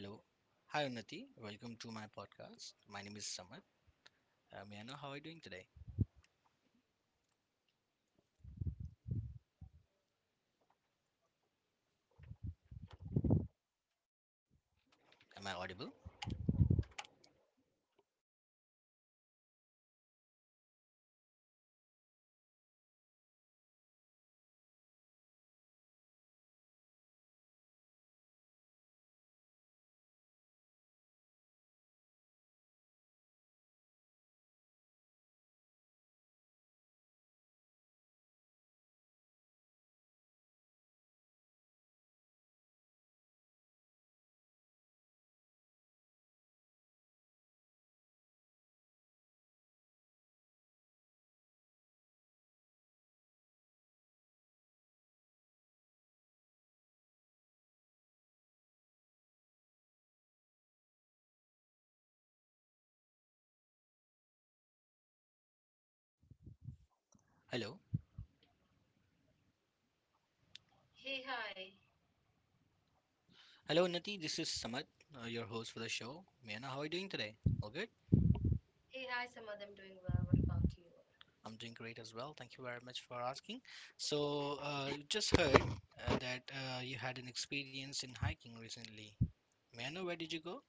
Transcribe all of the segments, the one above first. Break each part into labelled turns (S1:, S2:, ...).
S1: Hello. Hi, Unnati. Welcome to my podcast. My name is Samad. May I know how are you doing today? Am I audible? Hello.
S2: Hey, hi.
S1: Hello, Unnati. This is Samad, your host for the show. May I know how are you doing today? All good?
S2: Hey, hi, Samadh. I'm doing well. What about you?
S1: I'm doing great as well. Thank you very much for asking. So, you just heard that you had an experience in hiking recently. May I know where did you go?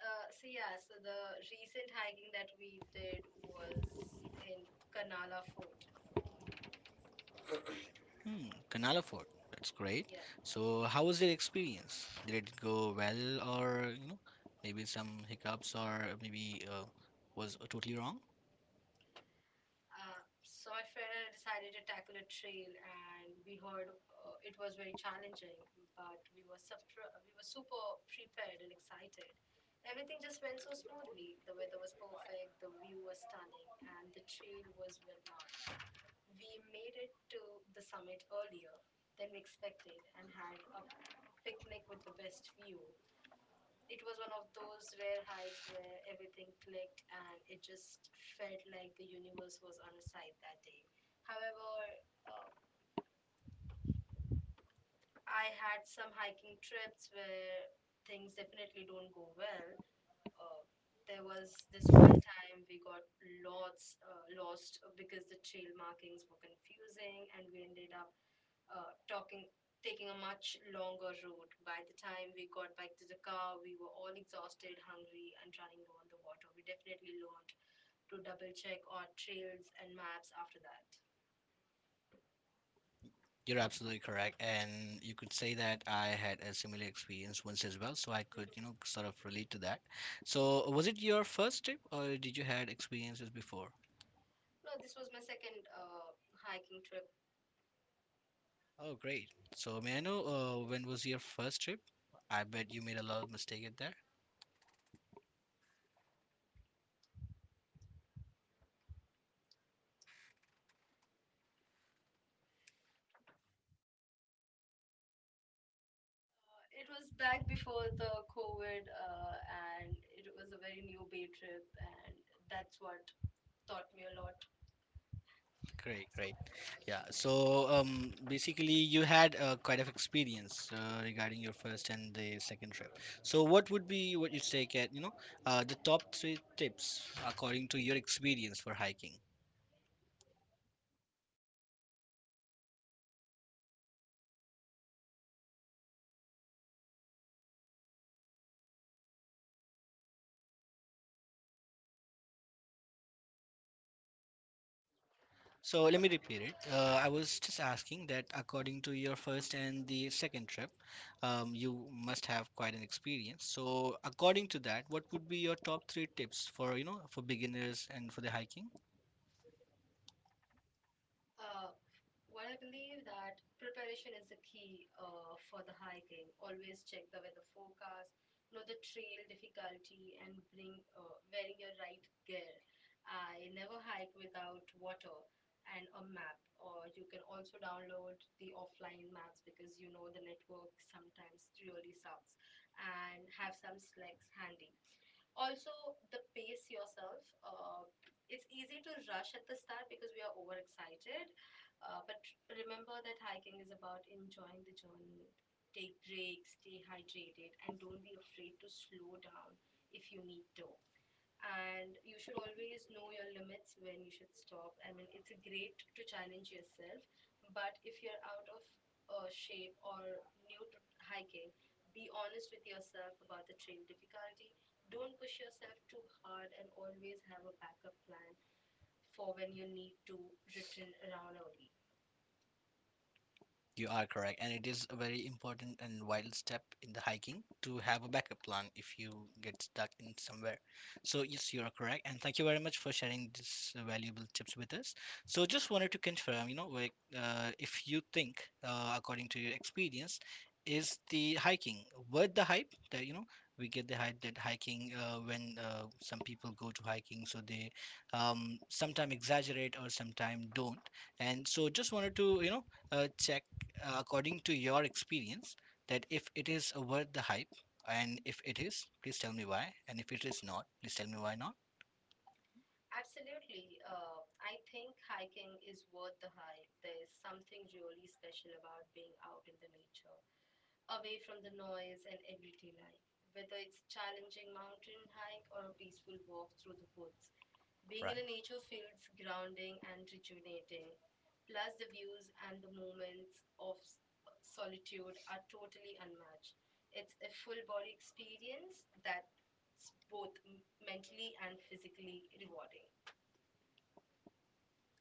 S2: So the recent hiking that we did was in Kanala Fort.
S1: Canal of Fort. That's great.
S2: Yeah.
S1: So, how was your experience? Did it go well, or you know, maybe some hiccups, or maybe was totally wrong?
S2: So, my friend and I decided to tackle a trail, and we heard it was very challenging, but we were super prepared and excited. Everything just went so smoothly. The weather was perfect, the view was stunning, and the trail was well marked. We made it to the summit earlier than we expected and had a picnic with the best view. Uh, it was one of those rare hikes where everything clicked and it just felt like the universe was on our side that day. However, uh, I had some hiking trips where things definitely don't go well. uh, there was this one time we got lots lost because the trail markings were confusing, and we ended up talking taking a much longer route. By the time we got back to the car, we were all exhausted, hungry, and running low on the water. We definitely learned to double check our trails and maps after that.
S1: You're absolutely correct, and you could say that I had a similar experience once as well, so I could, you know, sort of relate to that. So, was it your first trip, or did you had experiences before?
S2: No, this was my second hiking trip.
S1: Oh, great. So, may I know when was your first trip? I bet you made a lot of mistake at there.
S2: It was back before the COVID, and it was a very new bay trip, and that's what taught me a lot.
S1: Great,
S2: Ask
S1: great.
S2: all five questions.
S1: Yeah. So, basically, you had quite of experience regarding your first and the second trip. So, what would be what you say, Kat? You know, the top three tips according to your experience for hiking. So let me repeat it. I was just asking that according to your first and the second trip, you must have quite an experience. So according to that, what would be your top three tips for, you know, for beginners and for the hiking?
S2: Uh, what I believe that preparation is the key for the hiking. Always check the weather forecast, know the trail difficulty, and bring wearing your right gear. I never hike without water and a map. Or you can also download the offline maps because you know the network sometimes really sucks, and have some slacks handy. Also, the pace yourself, it's easy to rush at the start because we are overexcited, but remember that hiking is about enjoying the journey. Take breaks, stay hydrated, and don't be afraid to slow down if you need to. And you should always know your limits when you should stop. I mean, it's great to challenge yourself, but if you're out of shape or new to hiking, be honest with yourself about the trail difficulty. Don't push yourself too hard and always have a backup plan for when you need to return around early.
S1: You are correct, and it is a very important and vital step in the hiking to have a backup plan if you get stuck in somewhere. So yes, you are correct, and thank you very much for sharing these valuable tips with us. So just wanted to confirm, you know, like if you think, according to your experience, is the hiking worth the hype? That you know, we get the hype that hiking when some people go to hiking, so they sometimes exaggerate or sometimes don't. And so just wanted to, you know, check according to your experience that if it is worth the hype, and if it is, please tell me why, and if it is not, please tell me why not.
S2: Absolutely. I think hiking is worth the hype. There's something really special about being out in the nature, away from the noise and everyday life. Whether it's challenging mountain hike or a peaceful walk through the woods, being in a
S1: Right.
S2: nature feels grounding and rejuvenating. Plus, the views and the moments of solitude are totally unmatched. It's a full body experience that's both mentally and physically rewarding.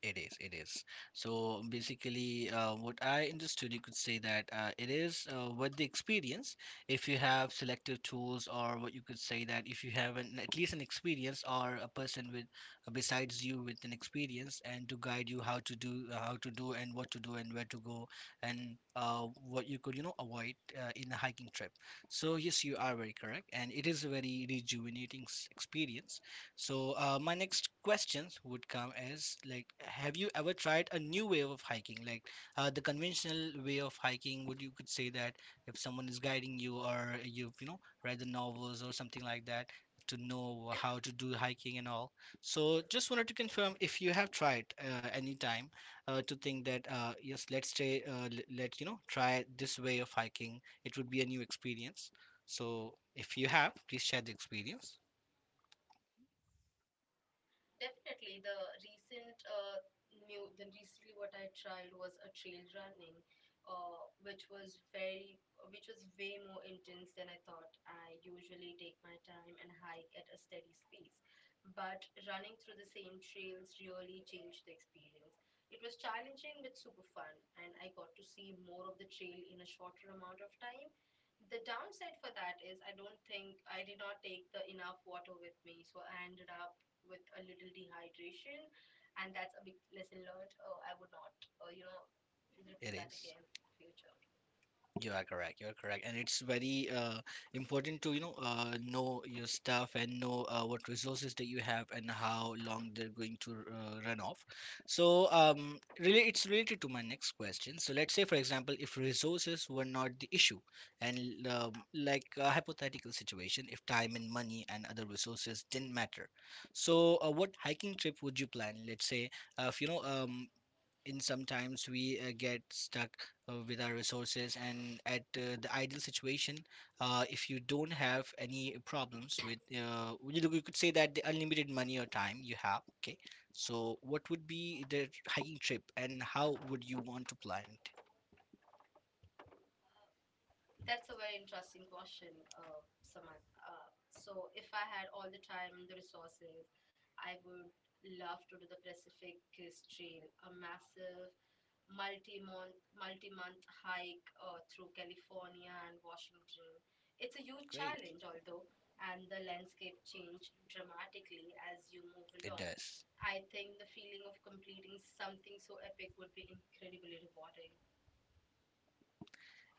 S1: It is, it is. So basically, what I understood, you could say that it is with the experience. If you have selective tools, or what you could say that if you have an, at least an experience or a person with besides you with an experience and to guide you how to do and what to do and where to go and what you could, you know, avoid in a hiking trip. So yes, you are very correct, and it is a very rejuvenating experience. So my next questions would come as like, have you ever tried a new way of hiking? Like the conventional way of hiking, would you could say that if someone is guiding you or you've, you know, read the novels or something like that to know how to do hiking and all. So just wanted to confirm if you have tried any time to think that yes, let's try let, you know, try this way of hiking. It would be a new experience. So if you have, please share the experience.
S2: Definitely, the recently what I tried was a trail running, uh, which was very which was way more intense than I thought. I usually take my time and hike at a steady pace, but running through the same trails really changed the experience. It was challenging but super fun, and I got to see more of the trail in a shorter amount of time. The downside for that is I don't think I did not take the enough water with me, so I ended up with a little dehydration, and that's a big lesson learned. I would not, uh, you know,
S1: It
S2: repeat that
S1: is.
S2: again in future.
S1: You are correct. You are correct, and it's very important to, you know, know your stuff and know what resources that you have and how long they're going to run off. So really, it's related to my next question. So let's say, for example, if resources were not the issue, and like a hypothetical situation, if time and money and other resources didn't matter, so what hiking trip would you plan? Let's say, if you know in sometimes we get stuck with our resources and at the ideal situation, if you don't have any problems with uh, you could say that the unlimited money or time you have, okay, so what would be the hiking trip and how would you want to plan it?
S2: That's a very interesting question, Samant. So, if I had all the time and the resources, I would love to do the Pacific Crest Trail, a massive multi-month hike through California and Washington. It's a huge
S1: Great.
S2: challenge, although, and the landscape changed dramatically as you move
S1: It
S2: along.
S1: does.
S2: I think the feeling of completing something so epic would be incredibly rewarding.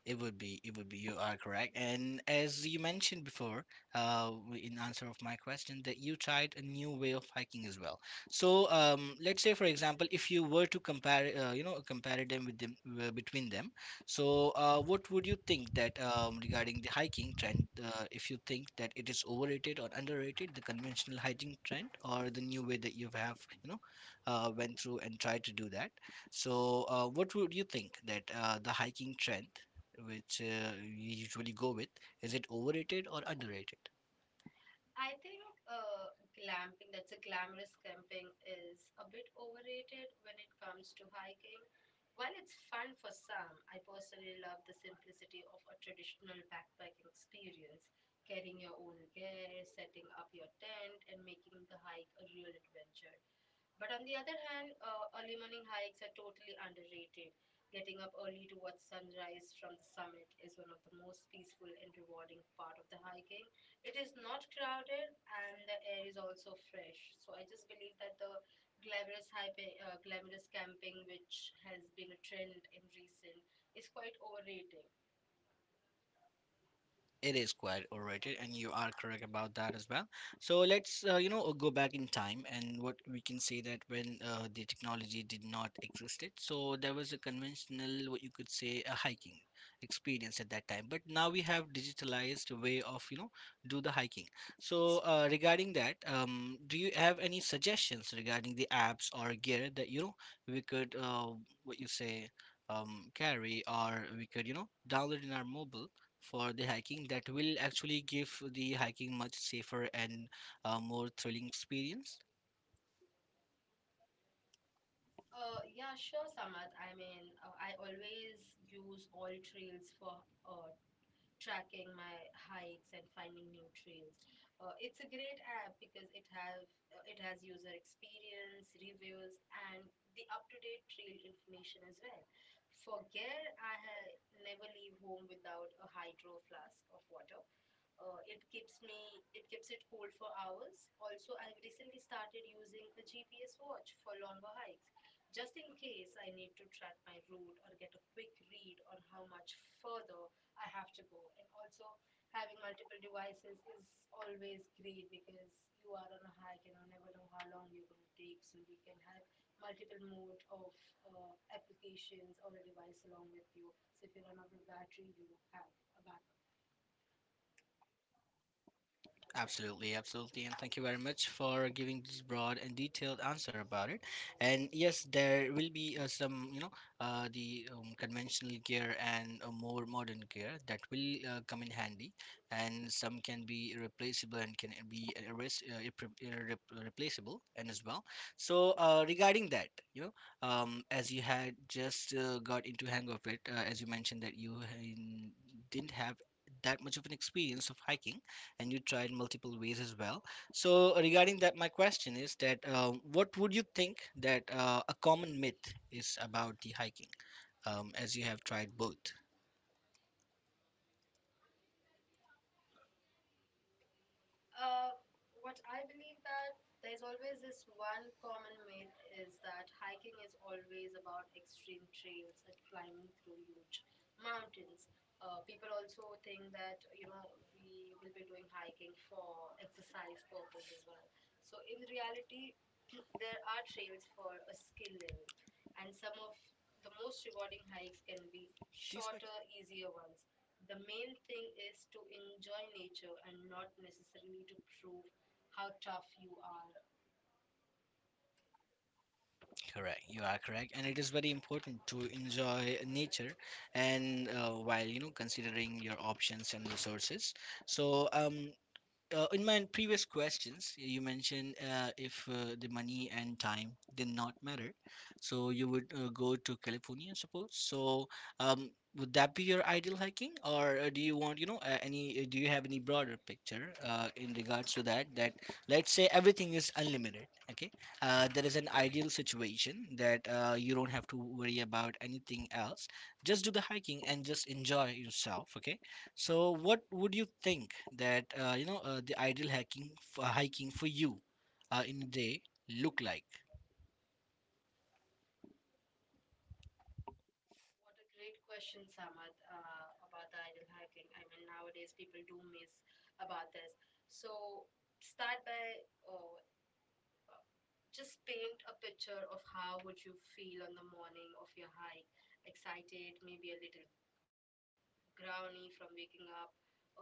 S1: It would be, it would be. You are correct. And as you mentioned before, in answer of my question, that you tried a new way of hiking as well. So, let's say, for example, if you were to compare, you know, compare them with them between them. So, what would you think that regarding the hiking trend? If you think that it is overrated or underrated, the conventional hiking trend or the new way that you have, you know, went through and tried to do that. So, what would you think that the hiking trend? Which we usually go with. Is it overrated or underrated?
S2: I think glamping, that's a glamorous camping, is a bit overrated when it comes to hiking. While it's fun for some, I personally love the simplicity of a traditional backpacking experience, carrying your own gear, setting up your tent, and making the hike a real adventure. But on the other hand, early morning hikes are totally underrated. Getting up early to watch sunrise from the summit is one of the most peaceful and rewarding part of the hiking. It is not crowded and the air is also fresh. So I just believe that the glamorous hyping, glamorous camping, which has been a trend in recent, is quite overrated.
S1: It is quite overrated, and you are correct about that as well. So let's, you know, go back in time and what we can say that when the technology did not existed, so there was a conventional, what you could say, a hiking experience at that time. But now we have digitalized way of, you know, do the hiking. So regarding that, do you have any suggestions regarding the apps or gear that, you know, we could, what you say, carry or we could, you know, download in our mobile, for the hiking that will actually give the hiking much safer and more thrilling experience?
S2: Yeah, sure, Samad. I mean, I always use all trails for uh, tracking my hikes and finding new trails. It's a great app because it has user experience, reviews, and the up-to-date trail information as well. For gear, never leave home without a hydro flask of water, it keeps it cool for hours. Also, I've recently started using a GPS watch for longer hikes, just in case I need to track my route or get a quick read on how much further I have to go. And also, having multiple devices is always great because you are on a hike and you never know how long you're going to take. So you can have multiple mode of applications or a device along with you. So if you run out of battery, you have a backup.
S1: Absolutely, absolutely, and thank you very much for giving this broad and detailed answer about it. And yes, there will be some, you know, the conventional gear and a more modern gear that will come in handy, and some can be replaceable and can be erase, replaceable and as well. So regarding that, you know, as you had just got into hang of it, as you mentioned that you didn't have that much of an experience of hiking and you tried multiple ways as well. So regarding that, my question is that what would you think that a common myth is about the hiking, as you have tried both?
S2: Uh, what I believe that there's always this one common myth is that hiking is always about extreme trails and climbing through huge mountains. People also think that you know we will be doing hiking for exercise purpose as well. So in reality there are trails for a skill level, and some of the most rewarding hikes can be
S1: These were.
S2: shorter easier ones. The main thing is to enjoy nature and not necessarily to prove how tough you are.
S1: Correct, you are correct, and it is very important to enjoy nature and while you know considering your options and resources. So, in my previous questions, you mentioned if the money and time did not matter, so you would go to California, I suppose. So, um, would that be your ideal hiking, or do you want, you know, any? Do you have any broader picture in regards to that? That let's say everything is unlimited. Okay, there is an ideal situation that you don't have to worry about anything else. Just do the hiking and just enjoy yourself. Okay, so, what would you think that you know the ideal hiking for hiking for you in a day look like?
S2: What a great question, Samad, about the idle hacking. I mean, nowadays people do miss about this. So start by uh, just paint a picture of how would you feel on the morning of your hike. Excited, maybe a little growly from waking up early,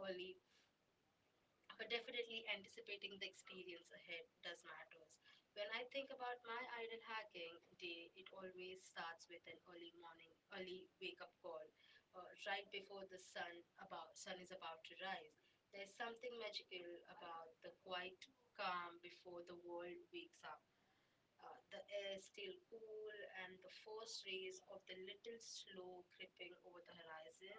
S2: but definitely anticipating the experience ahead does matters. When I think about my ideal hacking day, it always starts with an early morning, early wake up call, right before the sun is about to rise. There's something magical about the quiet calm before the world wakes up. The air is still cool, and the first rays of the little slow creeping over the horizon,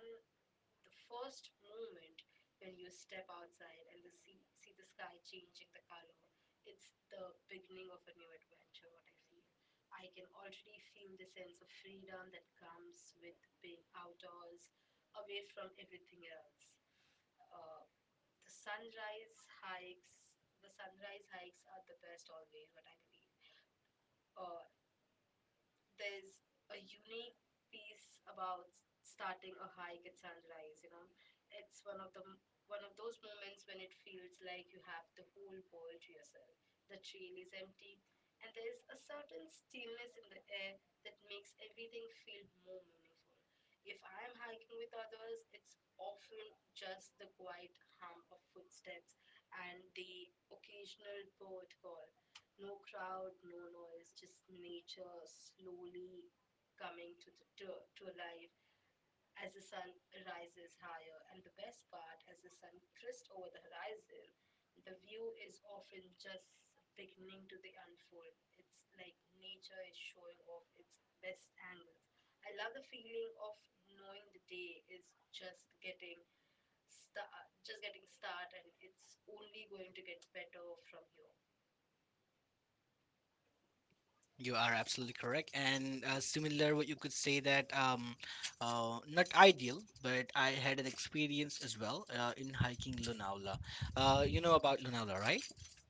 S2: the first moment when you step outside and see the sky changing the color, it's the beginning of a new adventure, what I feel. I can already feel the sense of freedom that comes with being outdoors, away from everything else. Uh, the sunrise the sunrise hikes are the best always, what I believe. Uh, there's a unique piece about starting a hike at sunrise. You know, it's one of those moments when it feels like you have the whole world to yourself. The trail is empty, and there is a certain stillness in the air that makes everything feel more meaningful. If I am hiking with others, it's often just the quiet hum of footsteps and the occasional bird call. No crowd, no noise, just nature slowly coming to, the, to life as the sun rises higher. And the best part, as the sun crests over the horizon, the view is often just beginning to the unfold. It's like nature is showing off its best angles. I love the feeling of knowing the day is just just getting start, and it's only going to get better from here.
S1: You are absolutely correct, and similar, what you could say that not ideal, but I had an experience as well in hiking Lonavala. You know about Lonavala, right?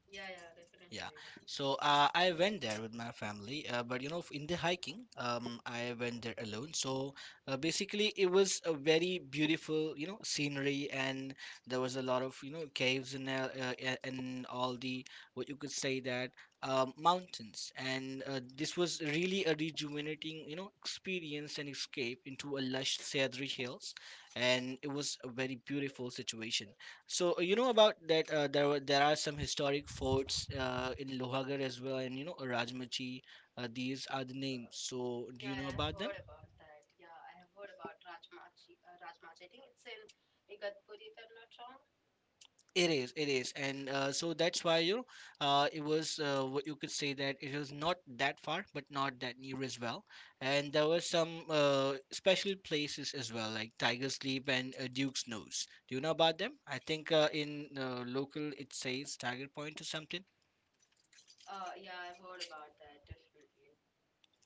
S2: Yeah, yeah,
S1: Yeah.
S2: definitely.
S1: So I went there with my family, but you know, in the hiking, I went there alone. So basically, it was a very beautiful, you know, scenery, and there was a lot of, you know, caves and and all the what you could say that mountains. And this was really a rejuvenating, you know, experience and escape into a lush cedary hills, and it was a very beautiful situation. So you know about that there are some
S2: Mhm.
S1: historic forts in Lohagarh as well, and you know Rajmachi. These are the names.
S2: Uh,
S1: So do
S2: yeah,
S1: you know
S2: I have
S1: about them?
S2: heard about that. Yeah, I have heard about Rajmachi. Rajmachi. I think it's in Igatpuri, if I'm not wrong.
S1: It is, and so that's why you know it was what you could say that it was not that far, but not that near as well. And there were
S2: Mhm.
S1: some special places as well, like Tiger's Leap and Duke's Nose. Do you know about them? I think in local it says Tiger Point or something.
S2: Yeah, I've heard about that, definitely.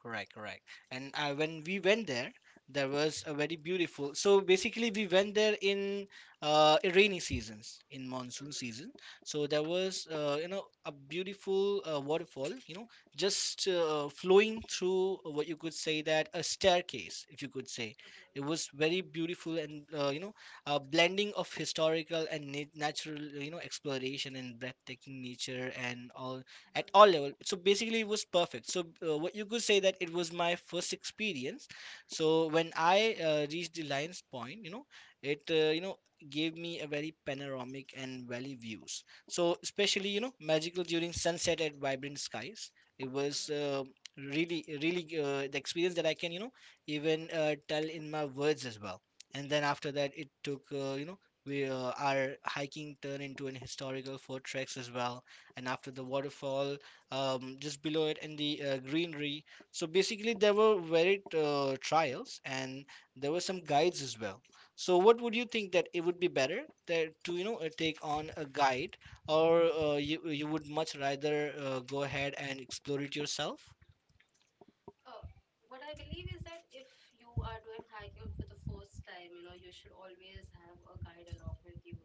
S1: Correct, correct. And when we went there, there was a very beautiful. So basically, we went there in rainy seasons, in monsoon
S2: Mm-hmm.
S1: season. So there was, you know, a beautiful waterfall, you know, just flowing through what you could say that a staircase, if you could say. It was very beautiful and a blending of historical and natural, exploration and breathtaking nature and all at all
S2: Mm-hmm.
S1: level. So basically it was perfect. So what you could say that it was my first experience. So when I reached the lion's point, it gave me a very panoramic and valley views. So especially, you know, magical during sunset at vibrant skies. It was
S2: Mm-hmm.
S1: really really the experience that I can, you know, even tell in my words as well. And then after that it took, you know we our hiking turned into an historical fortress as well. And after the waterfall, just below it and the greenery. So basically there were varied trials, and there were some guides as well. So what would you think, that it would be better that, to, you know, take on a guide, or you would much rather go ahead and explore it yourself?
S2: Uh, what I believe is that if you are doing hiking for the first time, you know, you should always have a guide along with you.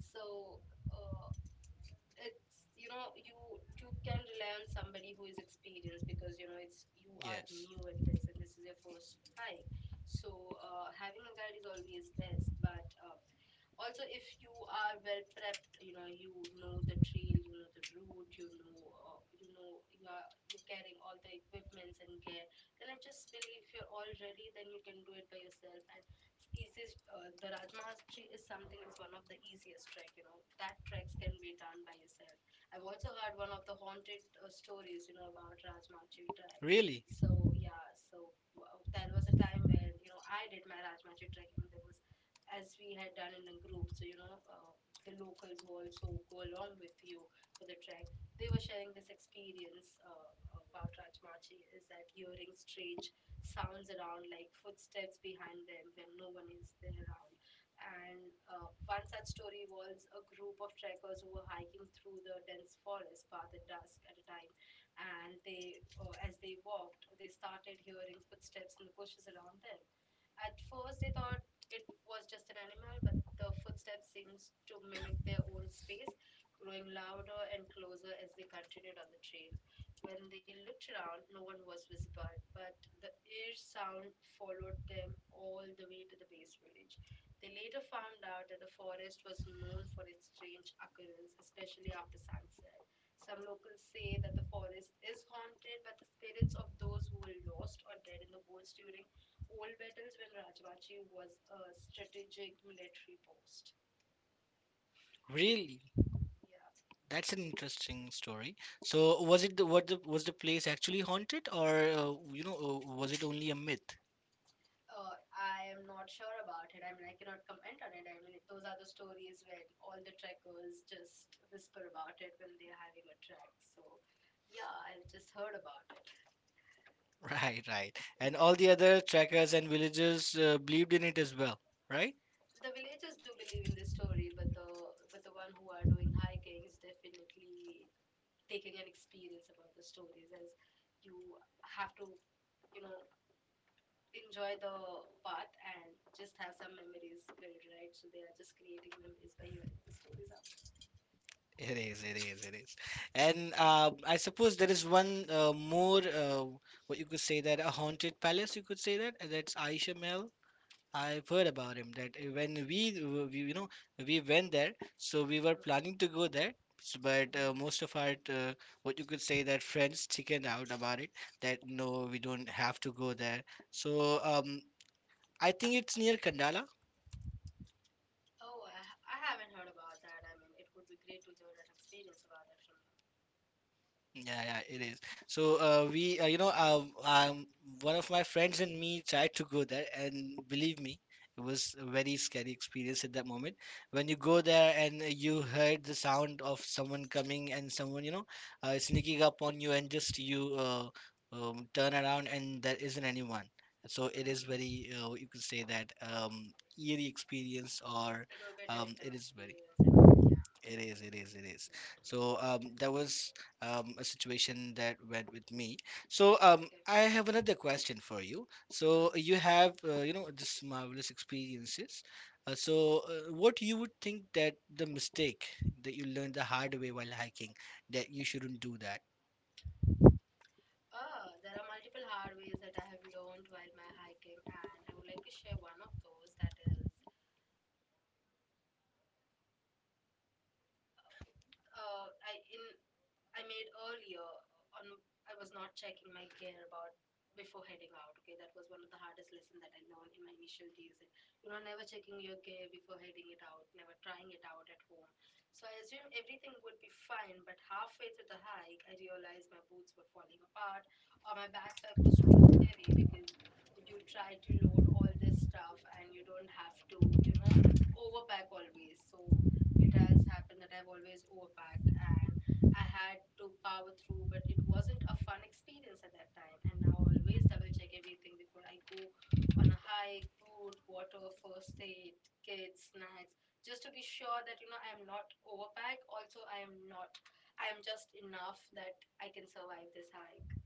S2: So, uh, it's you know you can rely on somebody who is experienced because you know it's you are
S1: Yes.
S2: new at this and this is your first hike. So having a guide is always best, but also, if you are well prepped, you know the trail, you know the route, you know, you're carrying all the equipments and gear. Then I just believe you're all ready. Then you can do it by yourself. And it's easiest, the Rajmahastri is something is one of the easiest trek. You know, that treks can be done by yourself. I've also heard one of the haunted stories, you know, about Rajmahastri trek.
S1: Really?
S2: So yeah, there was a time when you know I did my Rajmahastri trekking. There was as we had done in a group. The locals who also go along with you for the trek, they were sharing this experience about Rajmachi is that hearing strange sounds around, like footsteps behind them when no one is there around. And One such story was a group of trekkers who were hiking through the dense forest path at dusk at a time. And as they walked, they started hearing footsteps in the bushes around them. At first, they thought it was just an animal, but the footsteps seemed to mimic their own space, growing louder and closer as they continued on the trail. When they looked around, no one was visible, but the ear sound followed them all the way to the base village. They later found out that the forest was known for its strange occurrence, especially after sunset. Some locals say that the forest is haunted by the spirits of those who were lost or dead in the woods during old battles when Rajmachi was a strategic military post.
S1: Really?
S2: Yeah.
S1: That's an interesting story. So was it the, what the, was the place actually haunted, or, was it only a myth?
S2: I am not sure about it. I mean, I cannot comment on it. I mean, those are the stories where all the trekkers just whisper about it when they're having a trek. So, yeah, I've just heard about it.
S1: Right, right. And all the other trackers and villagers believed in it as well, right?
S2: The villagers do believe in this story, but the one who are doing hiking is definitely taking an experience about the stories as you have to you know enjoy the path and just have some memories built, right? So they are just creating memories by hearing the stories out.
S1: It is, it is, it is. And I suppose there is one more, what you could say that a haunted palace, you could say that, and that's Aisha Mel. I've heard about him that when we, you know, we went there, so we were planning to go there. But
S2: Mm-hmm.
S1: most of our, what you could say, that friends chickened out about it. That no, we don't have to go there. So I think it's near Kandala.
S2: Oh, I, I haven't heard about that. I mean, it would be great to hear an experience about that from you.
S1: Yeah, yeah, it is. So one of my friends and me tried to go there, and believe me, it was a very scary experience at that moment. When you go
S2: Oh,
S1: there and you heard the sound of someone coming and someone, you know, sneaking up on you, and just you turn around and there isn't anyone. So it is
S2: mm-hmm.
S1: very, you could say that eerie experience, or
S2: It would be a terrifying
S1: it is very.
S2: experience. I mean, yeah,
S1: It is, it is, it is.
S2: yeah,
S1: So that was a situation that went with me. So
S2: okay.
S1: I have another question for you. So
S2: Mm-hmm.
S1: you have, this marvelous experiences. What you would think that the mistake that you learned the hard way while hiking, that you shouldn't do that?
S2: Oh, there are multiple hard ways that I have learned while my hiking, and I would like to share one of those. That is, I in I made earlier on I was not checking my gear about before heading out. Okay, that was one of the hardest lessons that I learned in my initial days. And, you know, never checking your gear before heading it out, never trying it out at home. So I assumed everything would be fine, but halfway through the hike, I realized my boots were falling apart or my backpack was too heavy because you try to load all this stuff and you don't have to, overpack always. So it has happened that I've always overpacked and I had to power through, but it wasn't a fun experience at that time. And now I always double check everything before I go on a hike, food, water, first aid, kids, snacks, just to be sure that I am not overpacked. Also, I am not. I am just enough that I can survive this hike.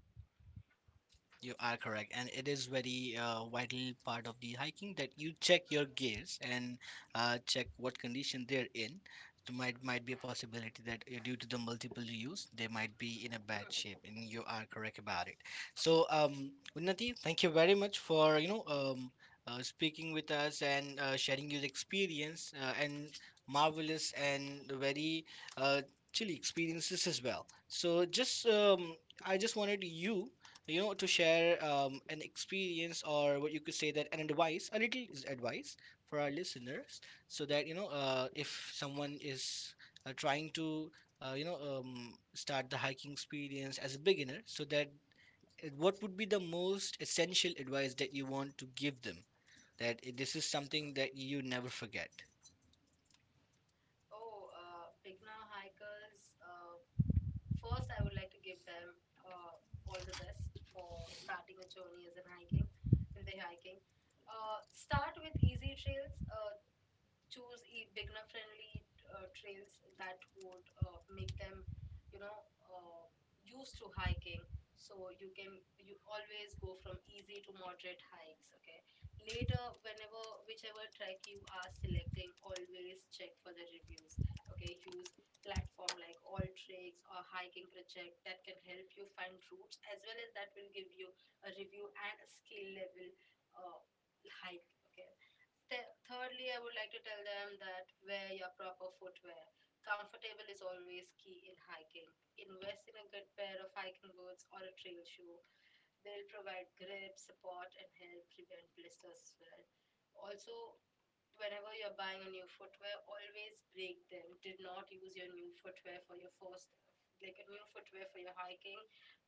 S1: You are correct, and it is very vital part of the hiking that you check your
S2: Mhm.
S1: gears and check what condition they're in. There might be a possibility that due to the multiple use, they might be in a bad shape, and you are correct about it. So, Unnati, thank you very much for, speaking with us and sharing your experience and marvelous and very uh, chilly experiences as well. So, just I just wanted you, you know to share an experience or what you could say that an advice, a little is advice for our listeners. So that, if someone is trying to start the hiking experience as a beginner, so that what would be the most essential advice that you want to give them, that this is something that you never forget?
S2: Oh, Beginner hikers, first, I would like to give them uh, all the best for starting a journey as in hiking, in the hiking. Start with easy trails. Choose beginner friendly trails that would make them you know uh, used to hiking. So you can you always go from easy to moderate hikes. Okay, later, whenever, whichever trek you are selecting, always check for the reviews. Okay, use platform like all tricks or hiking project that can help you find routes, as well as that will give you a review and a skill level uh, hike. Okay. Thirdly, I would like to tell them that wear your proper footwear. Comfortable is always key in hiking. Invest in a good pair of hiking boots or a trail shoe. They'll provide grip, support, and help prevent blisters as well. Also, whenever you're buying a new footwear, always break them. Do not use your new footwear for your first, like a new footwear for your hiking.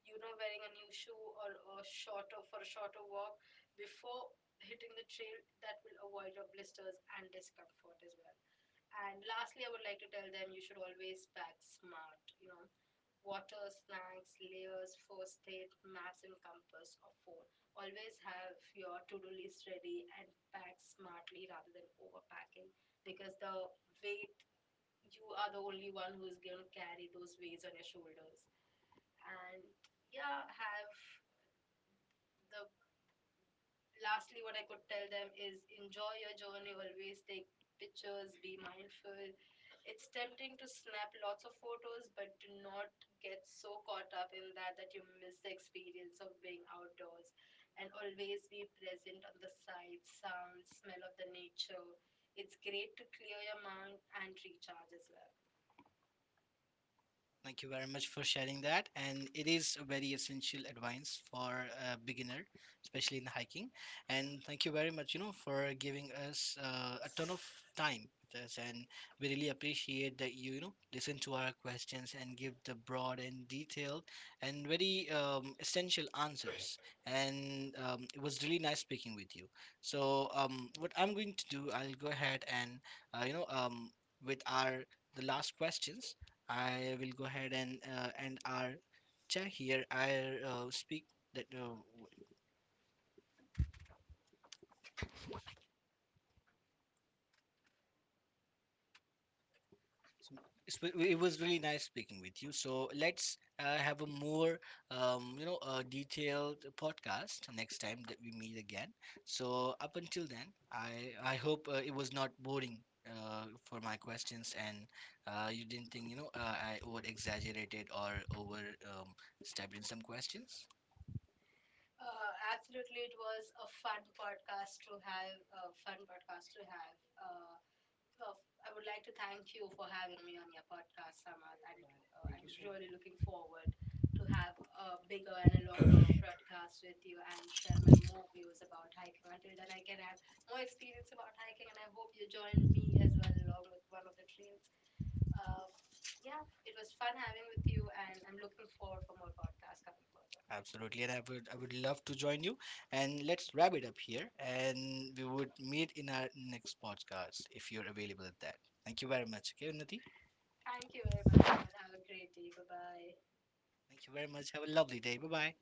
S2: You know, wearing a new shoe or a shorter for a shorter walk before hitting the trail that will avoid your blisters and discomfort as well. And lastly, I would like to tell them you should always pack smart. You know, water, snacks, layers, first aid, maps, and compass or phone. Always have your to do list ready and pack smartly rather than overpacking, because the weight, you are the only one who's going to carry those weights on your shoulders. And yeah, have the lastly what I could tell them is enjoy your journey. Always take pictures, be mindful. It's tempting to snap lots of photos, but do not get so caught up in that that you miss the experience of being outdoors, and always be present on the sight, sound, smell of the nature. It's great to clear your mind and recharge as well.
S1: Thank you very much for sharing that. And it is a very essential advice for a beginner, especially in hiking. And thank you very much, you know, for giving us a ton of time with us. And we really appreciate that you know, listen to our questions and give the broad and detailed and very essential answers. And it was really nice speaking with you. So what I'm going to do, I'll go ahead and, uh, you know, um, with our the last questions, I will go ahead and end our chat here. I speak that it was really nice speaking with you. So let's have a more detailed podcast next time that we meet again. So up until then, I hope it was not boring. For my questions, and you didn't think, I over exaggerated or over um, stepped in some questions.
S2: Absolutely, it was a fun podcast to have, a fun podcast to have uh, well, I would like to thank you for having me on your podcast, Samath, and I'm really looking forward to have a bigger and a longer podcast with you and share my more views about hiking. Until then, I can have more experience about hiking, and I hope you join me as well along with one of the trails. Uh, yeah, it was fun having with you, and I'm looking forward for more podcasts coming further.
S1: Absolutely, and I would love to join you. And let's wrap it up here, and we would meet in our next podcast if you're available at that. Thank you very much. Okay, Unnati.
S2: Thank you very much, Samath. Have a great day. Bye bye.
S1: Thank you very much. Have a lovely day. Bye bye.